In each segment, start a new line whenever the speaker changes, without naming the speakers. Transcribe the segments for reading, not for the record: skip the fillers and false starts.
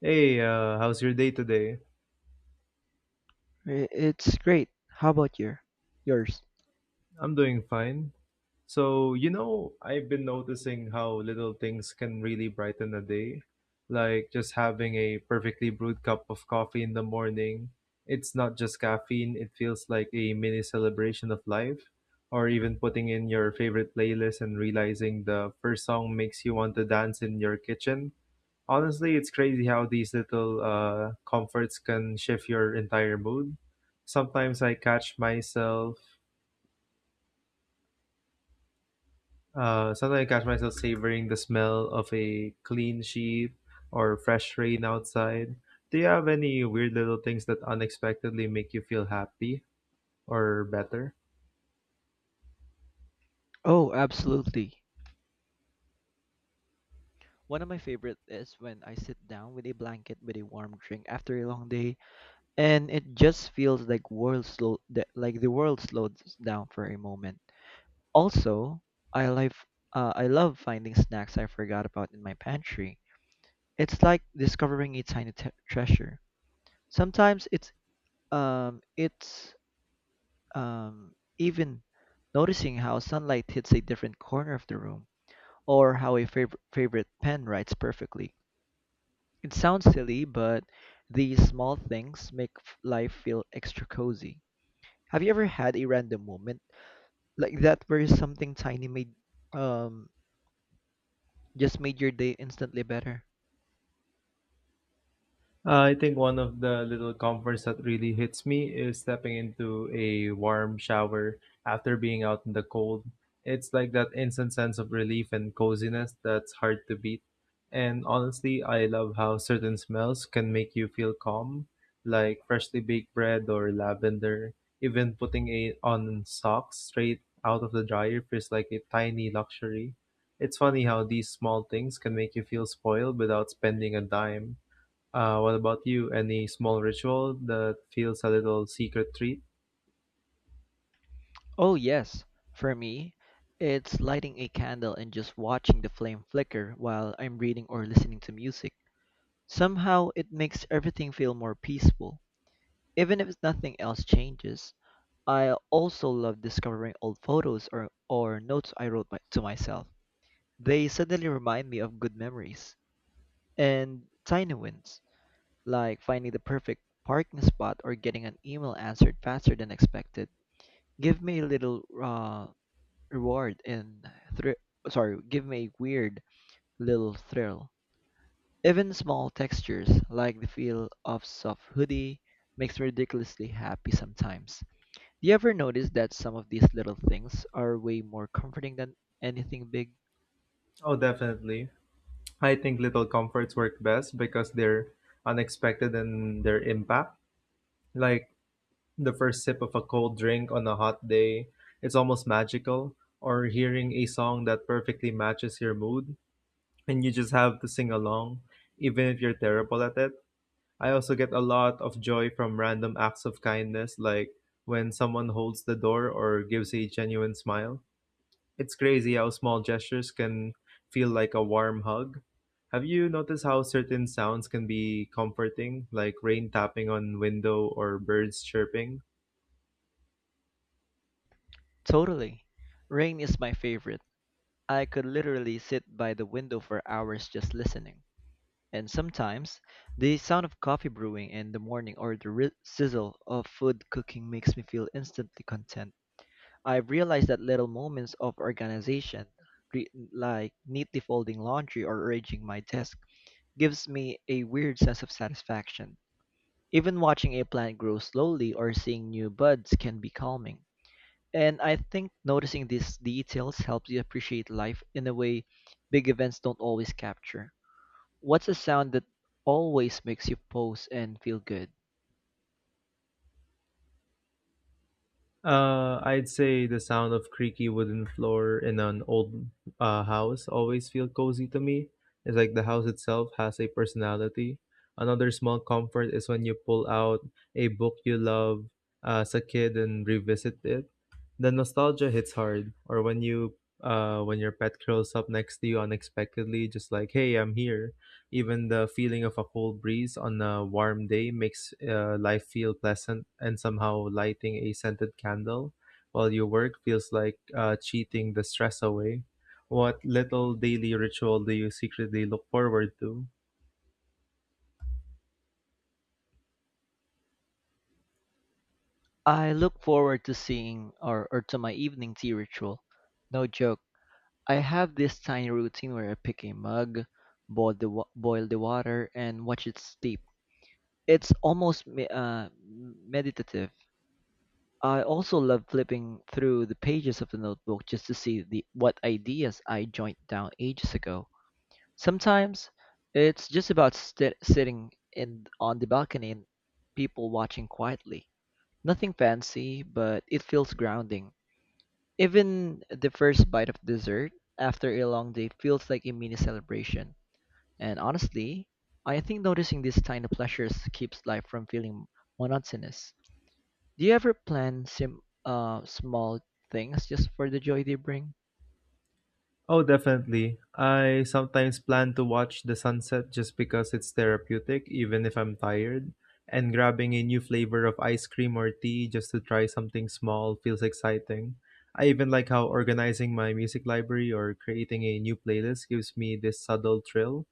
Hey, how's your day today?
It's great. How about yours?
I'm doing fine. So, you know, I've been noticing how little things can really brighten a day. Like just having a perfectly brewed cup of coffee in the morning. It's not just caffeine, it feels like a mini celebration of life. Or even putting in your favorite playlist and realizing the first song makes you want to dance in your kitchen. Honestly, it's crazy how these little comforts can shift your entire mood. Sometimes I catch myself, Sometimes I catch myself savoring the smell of a clean sheet or fresh rain outside. Do you have any weird little things that unexpectedly make you feel happy or better?
Oh, absolutely. One of my favorite is when I sit down with a blanket with a warm drink after a long day, and it just feels like world slow, that like the world slows down for a moment. Also, I like, I love finding snacks I forgot about in my pantry. It's like discovering a tiny treasure. Sometimes it's even noticing how sunlight hits a different corner of the room or how a favorite pen writes perfectly. It sounds silly, but these small things make life feel extra cozy. Have you ever had a random moment like that where something tiny made um just made your day instantly better?
I think one of the little comforts that really hits me is stepping into a warm shower after being out in the cold. It's like that instant sense of relief and coziness that's hard to beat. And honestly, I love how certain smells can make you feel calm, like freshly baked bread or lavender. Even putting a on socks straight out of the dryer feels like a tiny luxury. It's funny how these small things can make you feel spoiled without spending a dime. What about you? Any small ritual that feels a little secret treat?
Oh yes, for me, it's lighting a candle and just watching the flame flicker while I'm reading or listening to music. Somehow it makes everything feel more peaceful. Even if nothing else changes, I also love discovering old photos or notes I wrote to myself. They suddenly remind me of good memories and tiny wins, like finding the perfect parking spot or getting an email answered faster than expected. Give me a little reward and thr- sorry, give me a weird little thrill. Even small textures like the feel of soft hoodie makes me ridiculously happy sometimes. Do you ever notice that some of these little things are way more comforting than anything big?
Oh, definitely. I think little comforts work best because they're unexpected in their impact. Like the first sip of a cold drink on a hot day, it's almost magical. Or hearing a song that perfectly matches your mood and you just have to sing along, even if you're terrible at it. I also get a lot of joy from random acts of kindness, like when someone holds the door or gives a genuine smile. It's crazy how small gestures can feel like a warm hug. Have you noticed how certain sounds can be comforting, like rain tapping on window or birds chirping?
Totally. Rain is my favorite. I could literally sit by the window for hours just listening. And sometimes, the sound of coffee brewing in the morning or the sizzle of food cooking makes me feel instantly content. I've realized that little moments of organization, like neatly folding laundry or arranging my desk, gives me a weird sense of satisfaction. Even watching a plant grow slowly or seeing new buds can be calming. And I think noticing these details helps you appreciate life in a way big events don't always capture. What's a sound that always makes you pause and feel good?
I'd say the sound of creaky wooden floor in an old house always feel cozy to me. It's like the house itself has a personality. Another small comfort is when you pull out a book you love as a kid and revisit it. The nostalgia hits hard, or when your pet curls up next to you unexpectedly, just like, hey, I'm here. Even the feeling of a cold breeze on a warm day makes life feel pleasant, and somehow lighting a scented candle while you work feels like cheating the stress away. What little daily ritual do you secretly look forward to?
I look forward to seeing or to my evening tea ritual. No joke. I have this tiny routine where I pick a mug, boil the water, and watch it steep. It's almost meditative. I also love flipping through the pages of the notebook just to see the what ideas I jotted down ages ago. Sometimes it's just about sti sitting in on the balcony and people watching quietly. Nothing fancy, but it feels grounding. Even the first bite of dessert after a long day feels like a mini celebration. And honestly, I think noticing these tiny pleasures keeps life from feeling monotonous. Do you ever plan sim small things just for the joy they bring?
Oh, definitely. I sometimes plan to watch the sunset just because it's therapeutic, even if I'm tired. And grabbing a new flavor of ice cream or tea just to try something small feels exciting. I even like how organizing my music library or creating a new playlist gives me this subtle thrill.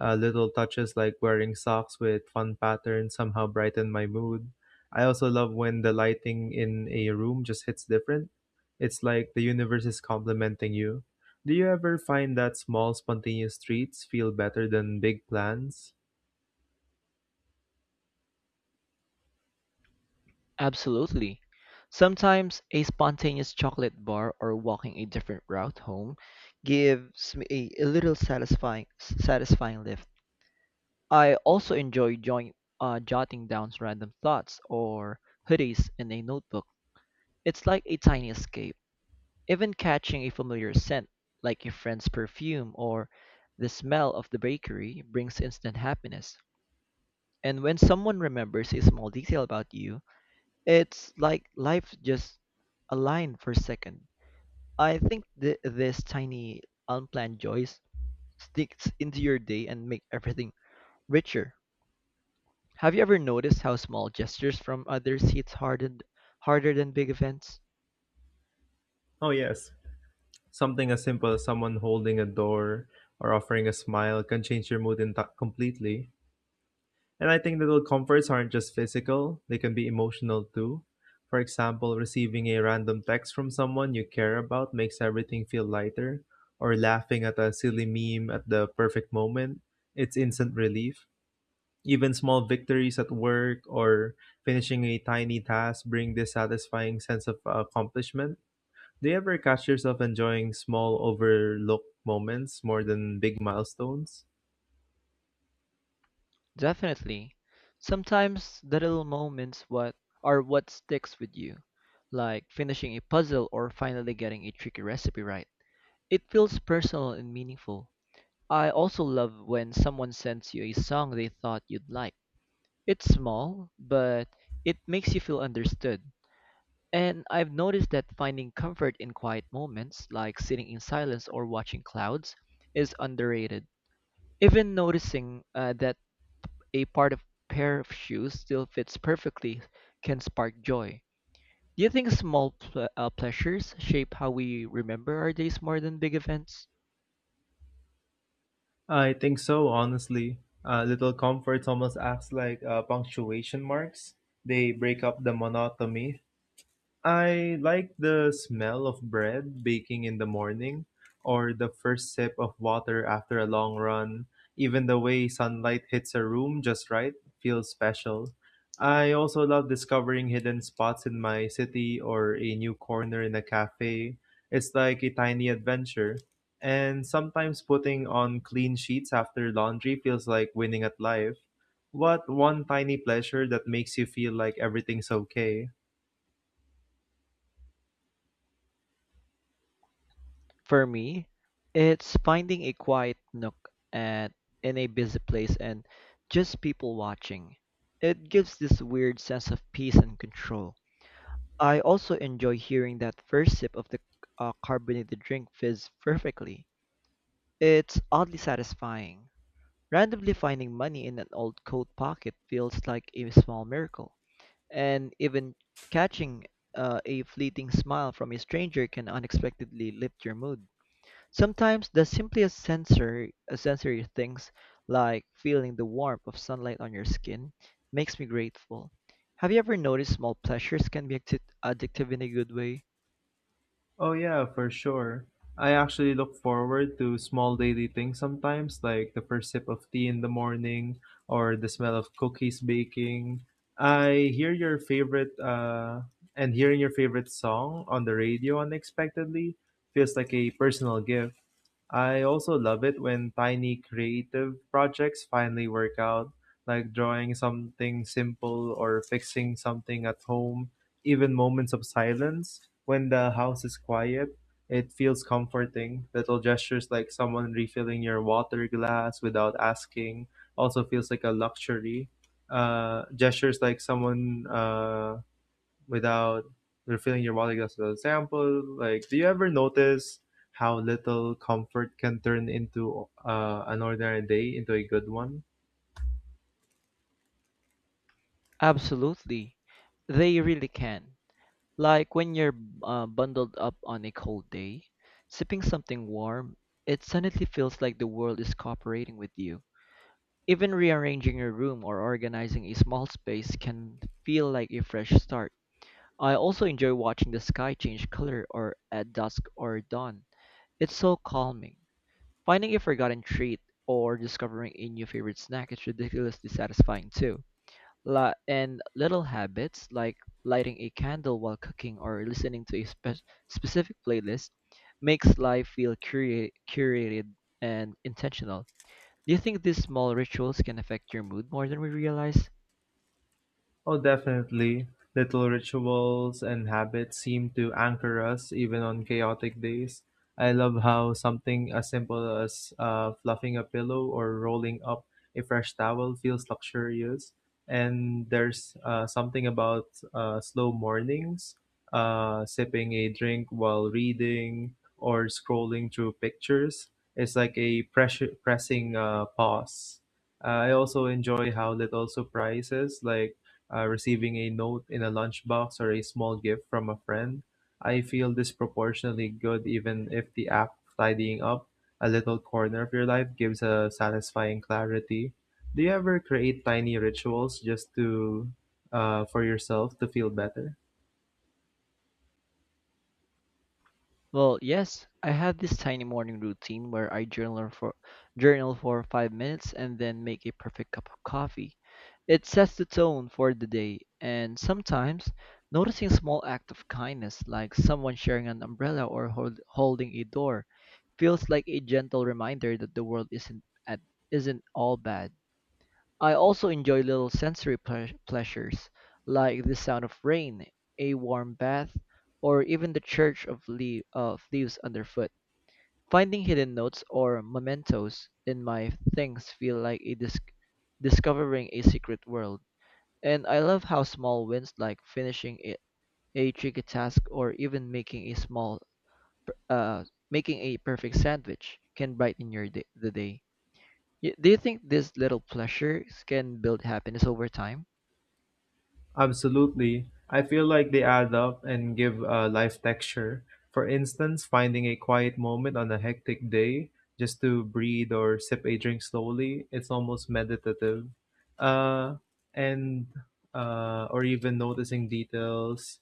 Little touches like wearing socks with fun patterns somehow brighten my mood. I also love when the lighting in a room just hits different. It's like the universe is complimenting you. Do you ever find that small, spontaneous treats feel better than big plans?
Absolutely. Sometimes a spontaneous chocolate bar or walking a different route home gives me a little satisfying lift. I also enjoy jotting down random thoughts or hoodies in a notebook. It's like a tiny escape. Even catching a familiar scent, like a friend's perfume or the smell of the bakery, brings instant happiness. And when someone remembers a small detail about you, it's like life just aligned for a second. I think this tiny unplanned joys sticks into your day and make everything richer. Have you ever noticed how small gestures from others hits hardened harder than big events?
Oh, yes. Something as simple as someone holding a door or offering a smile can change your mood in completely. And I think little comforts aren't just physical, they can be emotional too. For example, receiving a random text from someone you care about makes everything feel lighter, or laughing at a silly meme at the perfect moment. It's instant relief. Even small victories at work or finishing a tiny task bring this satisfying sense of accomplishment. Do you ever catch yourself enjoying small overlooked moments more than big milestones?
Definitely. Sometimes the little moments what are what sticks with you, like finishing a puzzle or finally getting a tricky recipe right. It feels personal and meaningful. I also love when someone sends you a song they thought you'd like. It's small, but it makes you feel understood. And I've noticed that finding comfort in quiet moments, like sitting in silence or watching clouds, is underrated. Even noticing that a part of pair of shoes still fits perfectly can spark joy. Do you think small pleasures shape how we remember our days more than big events?
I think so, honestly. Little comforts almost acts like punctuation marks. They break up the monotony. I like the smell of bread baking in the morning or the first sip of water after a long run. Even the way sunlight hits a room just right feels special. I also love discovering hidden spots in my city or a new corner in a cafe. It's like a tiny adventure. And sometimes putting on clean sheets after laundry feels like winning at life. What one tiny pleasure that makes you feel like everything's okay?
For me, it's finding a quiet nook at in a busy place and just people watching. It gives this weird sense of peace and control. I also enjoy hearing that first sip of the carbonated drink fizz perfectly. It's oddly satisfying. Randomly finding money in an old coat pocket feels like a small miracle. And even catching a fleeting smile from a stranger can unexpectedly lift your mood. Sometimes the simplest sensory things, like feeling the warmth of sunlight on your skin, makes me grateful. Have you ever noticed small pleasures can be addictive in a good way?
Oh yeah, for sure. I actually look forward to small daily things sometimes, like the first sip of tea in the morning or the smell of cookies baking. I hear your favorite and hearing your favorite song on the radio unexpectedly feels like a personal gift. I also love it when tiny creative projects finally work out, like drawing something simple or fixing something at home, even moments of silence. When the house is quiet, it feels comforting. Little gestures like someone refilling your water glass without asking also feels like a luxury. Gestures like someone without refilling your water glass. For example, like, do you ever notice how little comfort can turn into an ordinary day into a good one?
Absolutely. They really can. Like when you're bundled up on a cold day, sipping something warm, it suddenly feels like the world is cooperating with you. Even rearranging your room or organizing a small space can feel like a fresh start. I also enjoy watching the sky change color or at dusk or dawn. It's so calming. Finding a forgotten treat or discovering a new favorite snack is ridiculously satisfying too. And little habits like lighting a candle while cooking or listening to a specific playlist makes life feel curated and intentional. Do you think these small rituals can affect your mood more than we realize?
Oh, definitely. Little rituals and habits seem to anchor us even on chaotic days. I love how something as simple as fluffing a pillow or rolling up a fresh towel feels luxurious. And there's something about slow mornings, sipping a drink while reading or scrolling through pictures. It's like a pressure, pressing pause. I also enjoy how little surprises like receiving a note in a lunchbox or a small gift from a friend. I feel disproportionately good, even if the act of tidying up a little corner of your life gives a satisfying clarity. Do you ever create tiny rituals just to for yourself to feel better?
Well, yes, I have this tiny morning routine where I journal for 5 minutes and then make a perfect cup of coffee. It sets the tone for the day, and sometimes noticing small act of kindness like someone sharing an umbrella or holding a door feels like a gentle reminder that the world isn't all bad. I also enjoy little sensory pleasures, like the sound of rain, a warm bath, or even the church of leaves underfoot. Finding hidden notes or mementos in my things feel like a discovering a secret world. And I love how small wins like finishing a tricky task or even making a per- uh, perfect sandwich can brighten the day. Do you think these little pleasures can build happiness over time?
Absolutely. I feel like they add up and give a life texture. For instance, finding a quiet moment on a hectic day just to breathe or sip a drink slowly, it's almost meditative. Uh, and Or even noticing details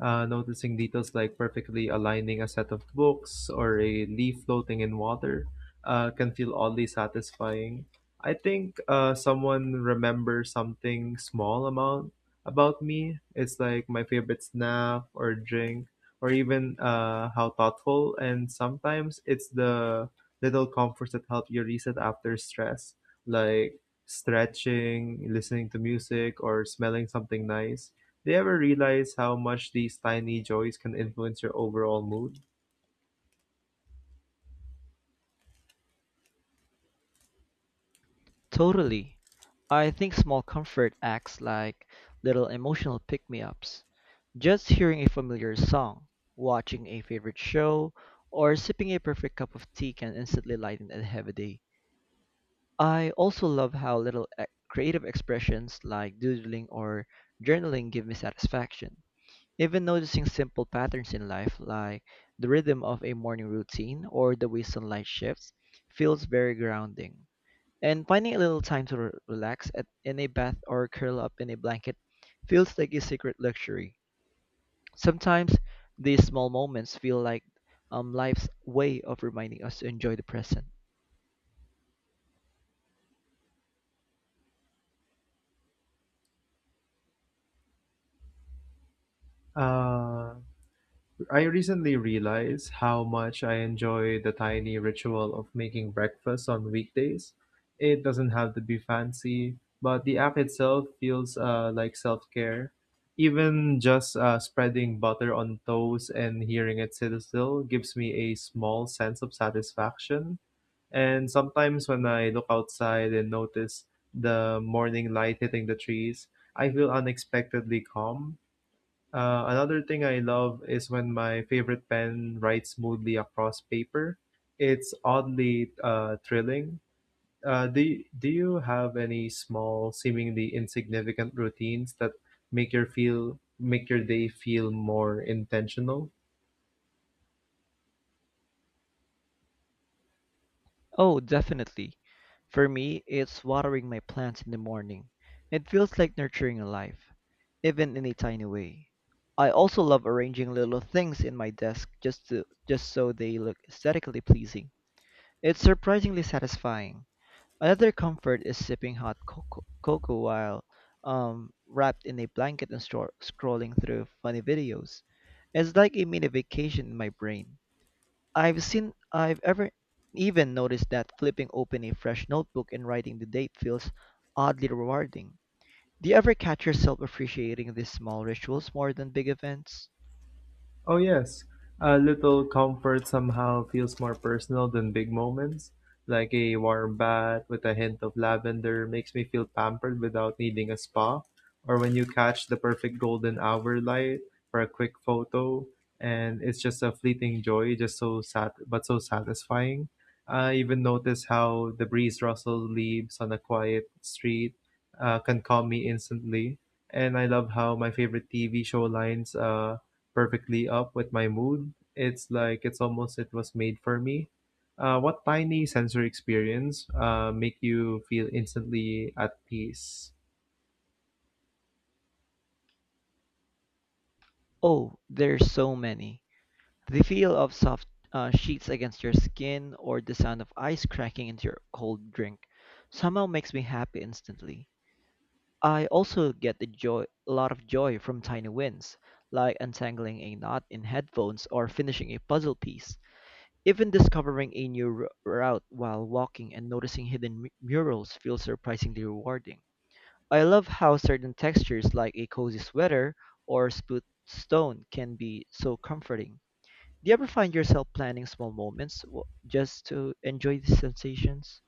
uh, noticing details like perfectly aligning a set of books or a leaf floating in water can feel oddly satisfying. I think someone remembers something small amount about me. It's like my favorite snack or drink, or even how thoughtful. And sometimes it's the little comforts that help you reset after stress, like stretching, listening to music, or smelling something nice. Do you ever realize how much these tiny joys can influence your overall mood?
Totally. I think small comfort acts like little emotional pick me ups. Just hearing a familiar song, watching a favorite show, or sipping a perfect cup of tea can instantly lighten a heavy day. I also love how little creative expressions like doodling or journaling give me satisfaction. Even noticing simple patterns in life, like the rhythm of a morning routine or the way sunlight shifts, feels very grounding. And finding a little time to relax in a bath or curl up in a blanket feels like a secret luxury. Sometimes these small moments feel like life's way of reminding us to enjoy the present.
Uh, I recently realized how much I enjoy the tiny ritual of making breakfast on weekdays. It doesn't have to be fancy, but the act itself feels like self care. Even just spreading butter on toast and hearing it sizzle gives me a small sense of satisfaction. And sometimes when I look outside and notice the morning light hitting the trees, I feel unexpectedly calm. Another thing I love is when my favorite pen writes smoothly across paper. It's oddly thrilling. Do you have any small, seemingly insignificant routines that make your day feel more intentional?
Oh, definitely. For me, it's watering my plants in the morning. It feels like nurturing a life, even in a tiny way. I also love arranging little things in my desk just so they look aesthetically pleasing. It's surprisingly satisfying. Another comfort is sipping hot cocoa while wrapped in a blanket and scrolling through funny videos. It's like a mini vacation in my brain. I've seen I've ever even noticed that flipping open a fresh notebook and writing the date feels oddly rewarding. Do you ever catch yourself appreciating these small rituals more than big events?
Oh, yes. A little comfort somehow feels more personal than big moments. Like a warm bath with a hint of lavender makes me feel pampered without needing a spa. Or when you catch the perfect golden hour light for a quick photo, and it's just a fleeting joy, just so sat but so satisfying. I even notice how the breeze rustles leaves on a quiet street can calm me instantly. And I love how my favorite TV show lines perfectly up with my mood. It's like it's almost it was made for me. What tiny sensory experience make you feel instantly at peace?
Oh, there's so many. The feel of soft sheets against your skin or the sound of ice cracking into your cold drink somehow makes me happy instantly. I also get a lot of joy from tiny wins, like untangling a knot in headphones or finishing a puzzle piece. Even discovering a new route while walking and noticing hidden murals feels surprisingly rewarding. I love how certain textures like a cozy sweater or split stone can be so comforting. Do you ever find yourself planning small moments just to enjoy these sensations?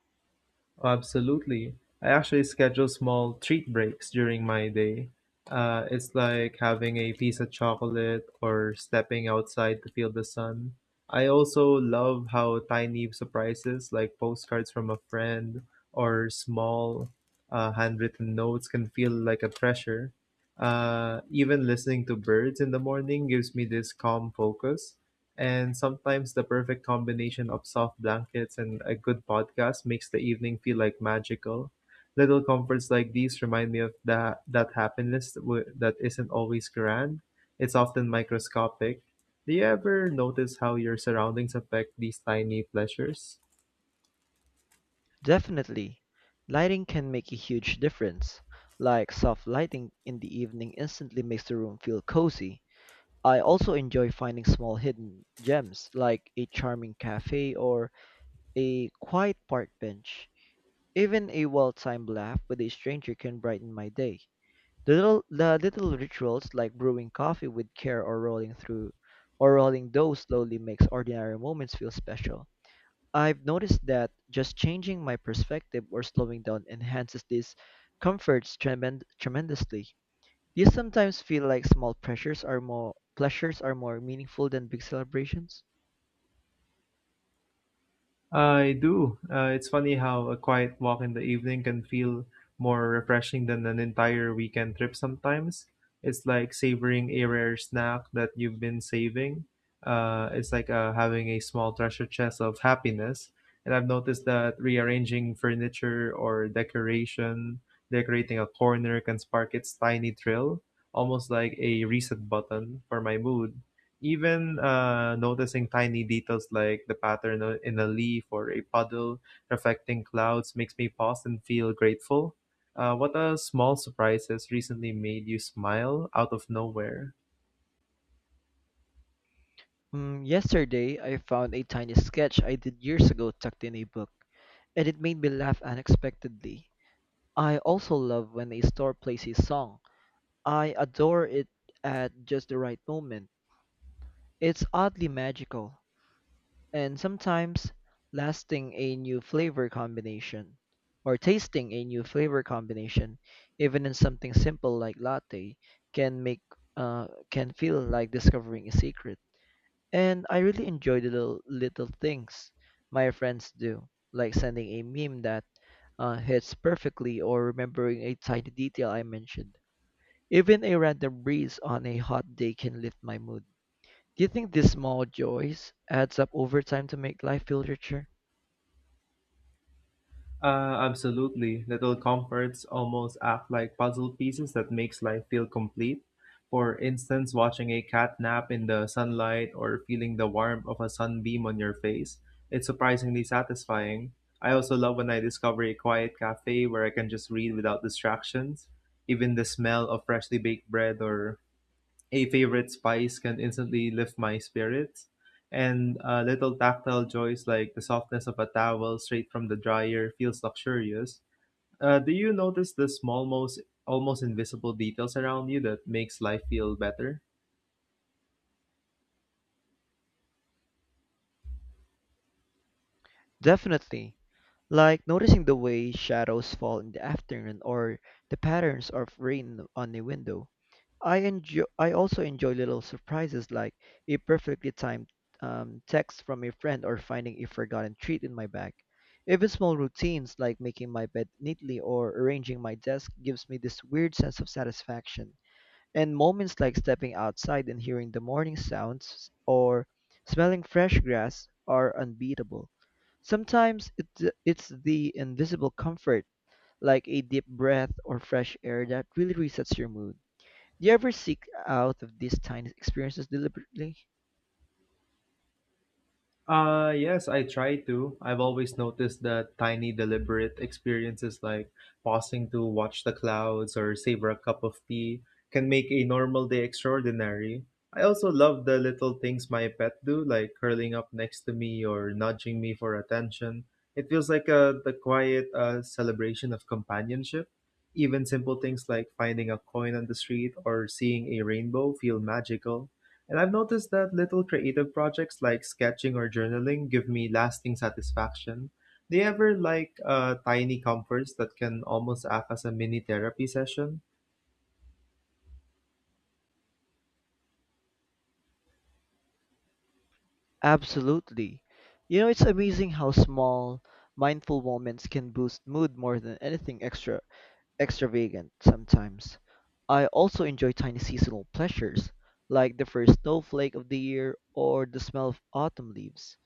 Absolutely. I actually schedule small treat breaks during my day. It's like having a piece of chocolate or stepping outside to feel the sun. I also love how tiny surprises like postcards from a friend or small handwritten notes can feel like a treasure. Even listening to birds in the morning gives me this calm focus. And sometimes the perfect combination of soft blankets and a good podcast makes the evening feel like magical. Little comforts like these remind me that happiness that isn't always grand, it's often microscopic. Do you ever notice how your surroundings affect these tiny pleasures?
Definitely. Lighting can make a huge difference. Like soft lighting in the evening instantly makes the room feel cozy. I also enjoy finding small hidden gems like a charming cafe or a quiet park bench. Even a well-timed laugh with a stranger can brighten my day. The little rituals like brewing coffee with care or rolling through or rolling dough slowly makes ordinary moments feel special. I've noticed that just changing my perspective or slowing down enhances these comforts tremendously. These sometimes feel like small pressures are more pleasures are more meaningful than big celebrations.
I do. It's funny how a quiet walk in the evening can feel more refreshing than an entire weekend trip sometimes. It's like savoring a rare snack that you've been saving. It's like having a small treasure chest of happiness. And I've noticed that rearranging decorating a corner can spark its tiny thrill, almost like a reset button for my mood. Even noticing tiny details like the pattern in a leaf or a puddle reflecting clouds makes me pause and feel grateful. What small surprises recently made you smile out of nowhere?
Mm, yesterday, I found a tiny sketch I did years ago tucked in a book, and it made me laugh unexpectedly. I also love when a store plays a song. I adore it at just the right moment. It's oddly magical, and sometimes lasting a new flavor combination, or tasting a new flavor combination, even in something simple like latte, can make can feel like discovering a secret. And I really enjoy the little things my friends do, like sending a meme that hits perfectly or remembering a tiny detail I mentioned. Even a random breeze on a hot day can lift my mood. Do you think these small joys adds up over time to make life feel richer?
Absolutely. Little comforts almost act like puzzle pieces that makes life feel complete. For instance, watching a cat nap in the sunlight or feeling the warmth of a sunbeam on your face. It's surprisingly satisfying. I also love when I discover a quiet cafe where I can just read without distractions. Even the smell of freshly baked bread or a favorite spice can instantly lift my spirits. And Little tactile joys like the softness of a towel straight from the dryer feels luxurious. Do you notice the small, most almost invisible details around you that makes life feel better?
Definitely. Like noticing the way shadows fall in the afternoon or the patterns of rain on a window. I also enjoy little surprises like a perfectly timed text from a friend or finding a forgotten treat in my bag. Even small routines like making my bed neatly or arranging my desk gives me this weird sense of satisfaction. And moments like stepping outside and hearing the morning sounds or smelling fresh grass are unbeatable. Sometimes it's the invisible comfort, like a deep breath or fresh air, that really resets your mood. Do you ever seek out of these tiny experiences deliberately?
Yes, I try to. I've always noticed that tiny, deliberate experiences like pausing to watch the clouds or savor a cup of tea can make a normal day extraordinary. I also love the little things my pet do, like curling up next to me or nudging me for attention. It feels like a the quiet celebration of companionship. Even simple things like finding a coin on the street or seeing a rainbow feel magical. And I've noticed that little creative projects like sketching or journaling give me lasting satisfaction. Do you ever like tiny comforts that can almost act as a mini therapy session?
Absolutely. You know, it's amazing how small, mindful moments can boost mood more than anything extra. Extravagant, sometimes. I also enjoy tiny seasonal pleasures, like the first snowflake of the year or the smell of autumn leaves.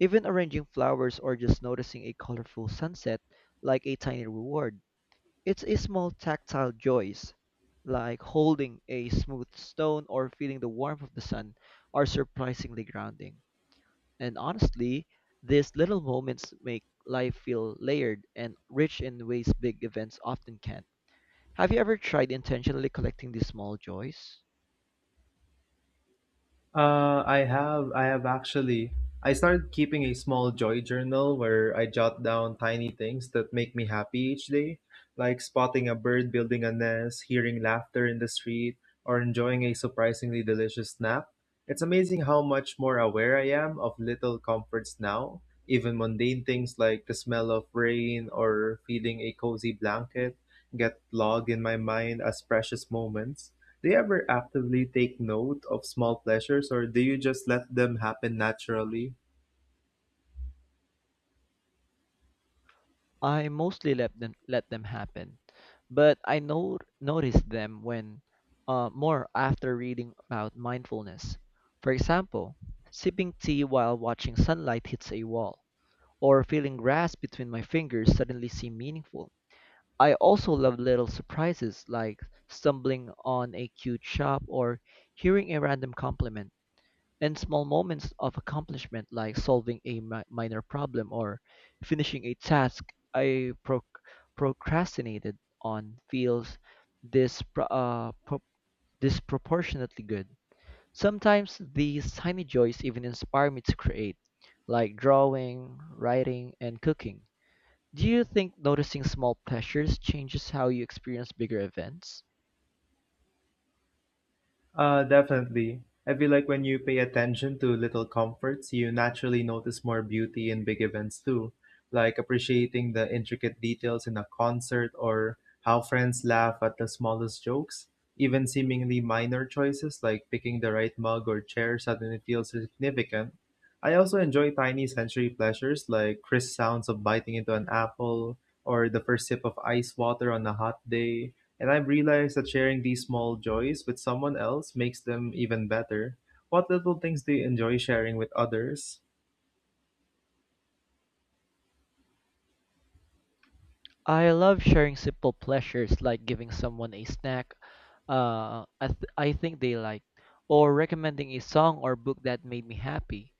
Even arranging flowers or just noticing a colorful sunset, like a tiny reward. It's a small tactile joys, like holding a smooth stone or feeling the warmth of the sun, are surprisingly grounding. And honestly, these little moments make life feel layered and rich in ways big events often can. Have you ever tried intentionally collecting these small joys?
I have actually. I started keeping a small joy journal where I jot down tiny things that make me happy each day, like spotting a bird building a nest, hearing laughter in the street, or enjoying a surprisingly delicious snack. It's amazing how much more aware I am of little comforts now, even mundane things like the smell of rain or feeling a cozy blanket get logged in my mind as precious moments. Do you ever actively take note of small pleasures or do you just let them happen naturally?
I mostly let them happen, but I know notice them when more after reading about mindfulness. For example, sipping tea while watching sunlight hits a wall, or feeling grass between my fingers suddenly seem meaningful. I also love little surprises like stumbling on a cute shop or hearing a random compliment. And small moments of accomplishment, like solving a minor problem or finishing a task I procrastinated on, feels dis- uh, pro- disproportionately good. Sometimes these tiny joys even inspire me to create, like drawing, writing, and cooking. Do you think noticing small pleasures changes how you experience bigger events?
Definitely. I feel like when you pay attention to little comforts, you naturally notice more beauty in big events too, like appreciating the intricate details in a concert or how friends laugh at the smallest jokes. Even seemingly minor choices like picking the right mug or chair suddenly feels significant. I also enjoy tiny sensory pleasures like crisp sounds of biting into an apple or the first sip of ice water on a hot day, and I've realized that sharing these small joys with someone else makes them even better. What little things do you enjoy sharing with others?
I love sharing simple pleasures like giving someone a snack I think they like or recommending a song or book that made me happy.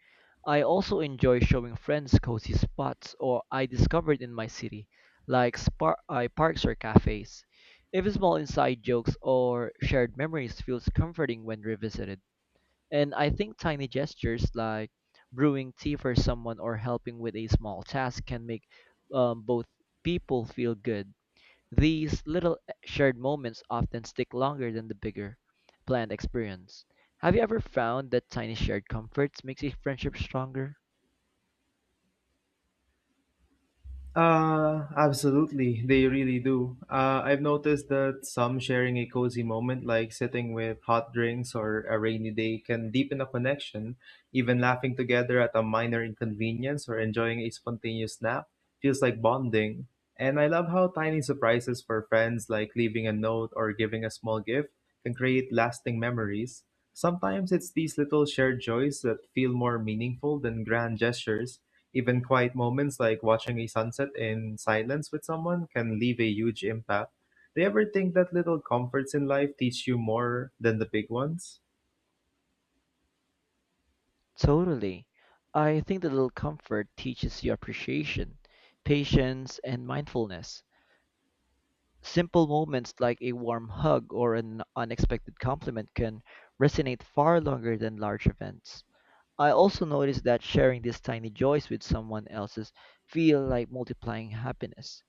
I also enjoy showing friends cozy spots or I discovered in my city, like parks or cafes. Even small inside jokes or shared memories feels comforting when revisited. And I think tiny gestures like brewing tea for someone or helping with a small task can make both people feel good. These little shared moments often stick longer than the bigger, planned experience. Have you ever found that tiny shared comforts makes a friendship stronger?
Absolutely, they really do. I've noticed that some sharing a cozy moment, like sitting with hot drinks or a rainy day, can deepen a connection. Even laughing together at a minor inconvenience or enjoying a spontaneous nap feels like bonding. And I love how tiny surprises for friends, like leaving a note or giving a small gift, can create lasting memories. Sometimes it's these little shared joys that feel more meaningful than grand gestures. Even quiet moments like watching a sunset in silence with someone can leave a huge impact. Do you ever think that little comforts in life teach you more than the big ones?
Totally. I think the little comfort teaches you appreciation, patience, and mindfulness. Simple moments like a warm hug or an unexpected compliment can resonate far longer than large events. I also noticed that sharing these tiny joys with someone else's feel like multiplying happiness.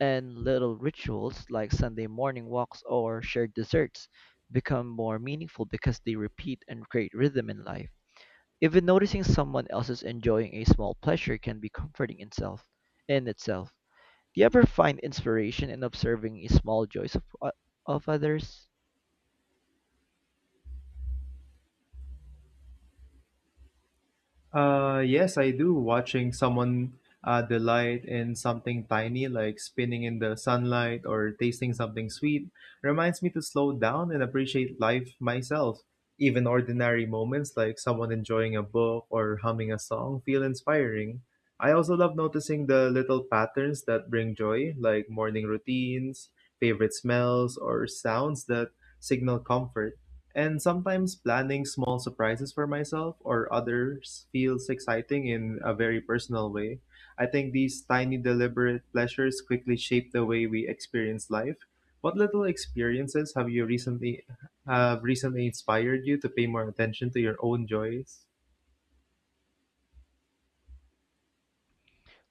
And little rituals like Sunday morning walks or shared desserts become more meaningful because they repeat and create rhythm in life. Even noticing someone else is enjoying a small pleasure can be comforting in itself. Do you ever find inspiration in observing a small joys of others?
Yes, I do. Watching someone delight in something tiny, like spinning in the sunlight or tasting something sweet, reminds me to slow down and appreciate life myself. Even ordinary moments, like someone enjoying a book or humming a song, feel inspiring. I also love noticing the little patterns that bring joy, like morning routines, favorite smells, or sounds that signal comfort. And sometimes planning small surprises for myself or others feels exciting in a very personal way. I think these tiny, deliberate pleasures quickly shape the way we experience life. What little experiences have you recently have recently inspired you to pay more attention to your own joys?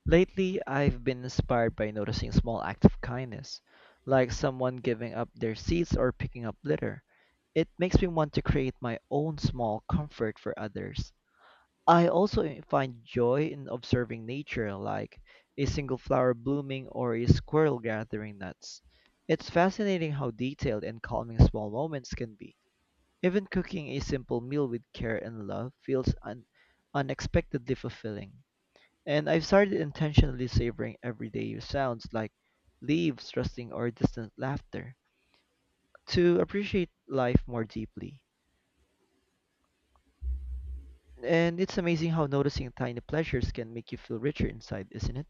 Lately, I've been inspired by noticing small acts of kindness, like someone giving up their seats or picking up litter. It makes me want to create my own small comfort for others. I also find joy in observing nature, like a single flower blooming or a squirrel gathering nuts. It's fascinating how detailed and calming small moments can be. Even cooking a simple meal with care and love feels unexpectedly fulfilling. And I've started intentionally savoring everyday sounds like leaves rustling or distant laughter to appreciate life more deeply. And it's amazing how noticing tiny pleasures can make you feel richer inside, isn't it?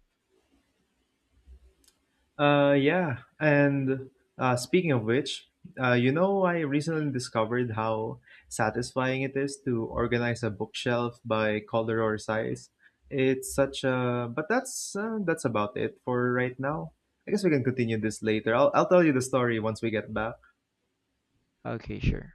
Yeah, and speaking of which, I recently discovered how satisfying it is to organize a bookshelf by color or size. It's such a, but that's about it for right now. I guess we can continue this later. I'll tell you the story once we get back.
Okay, sure.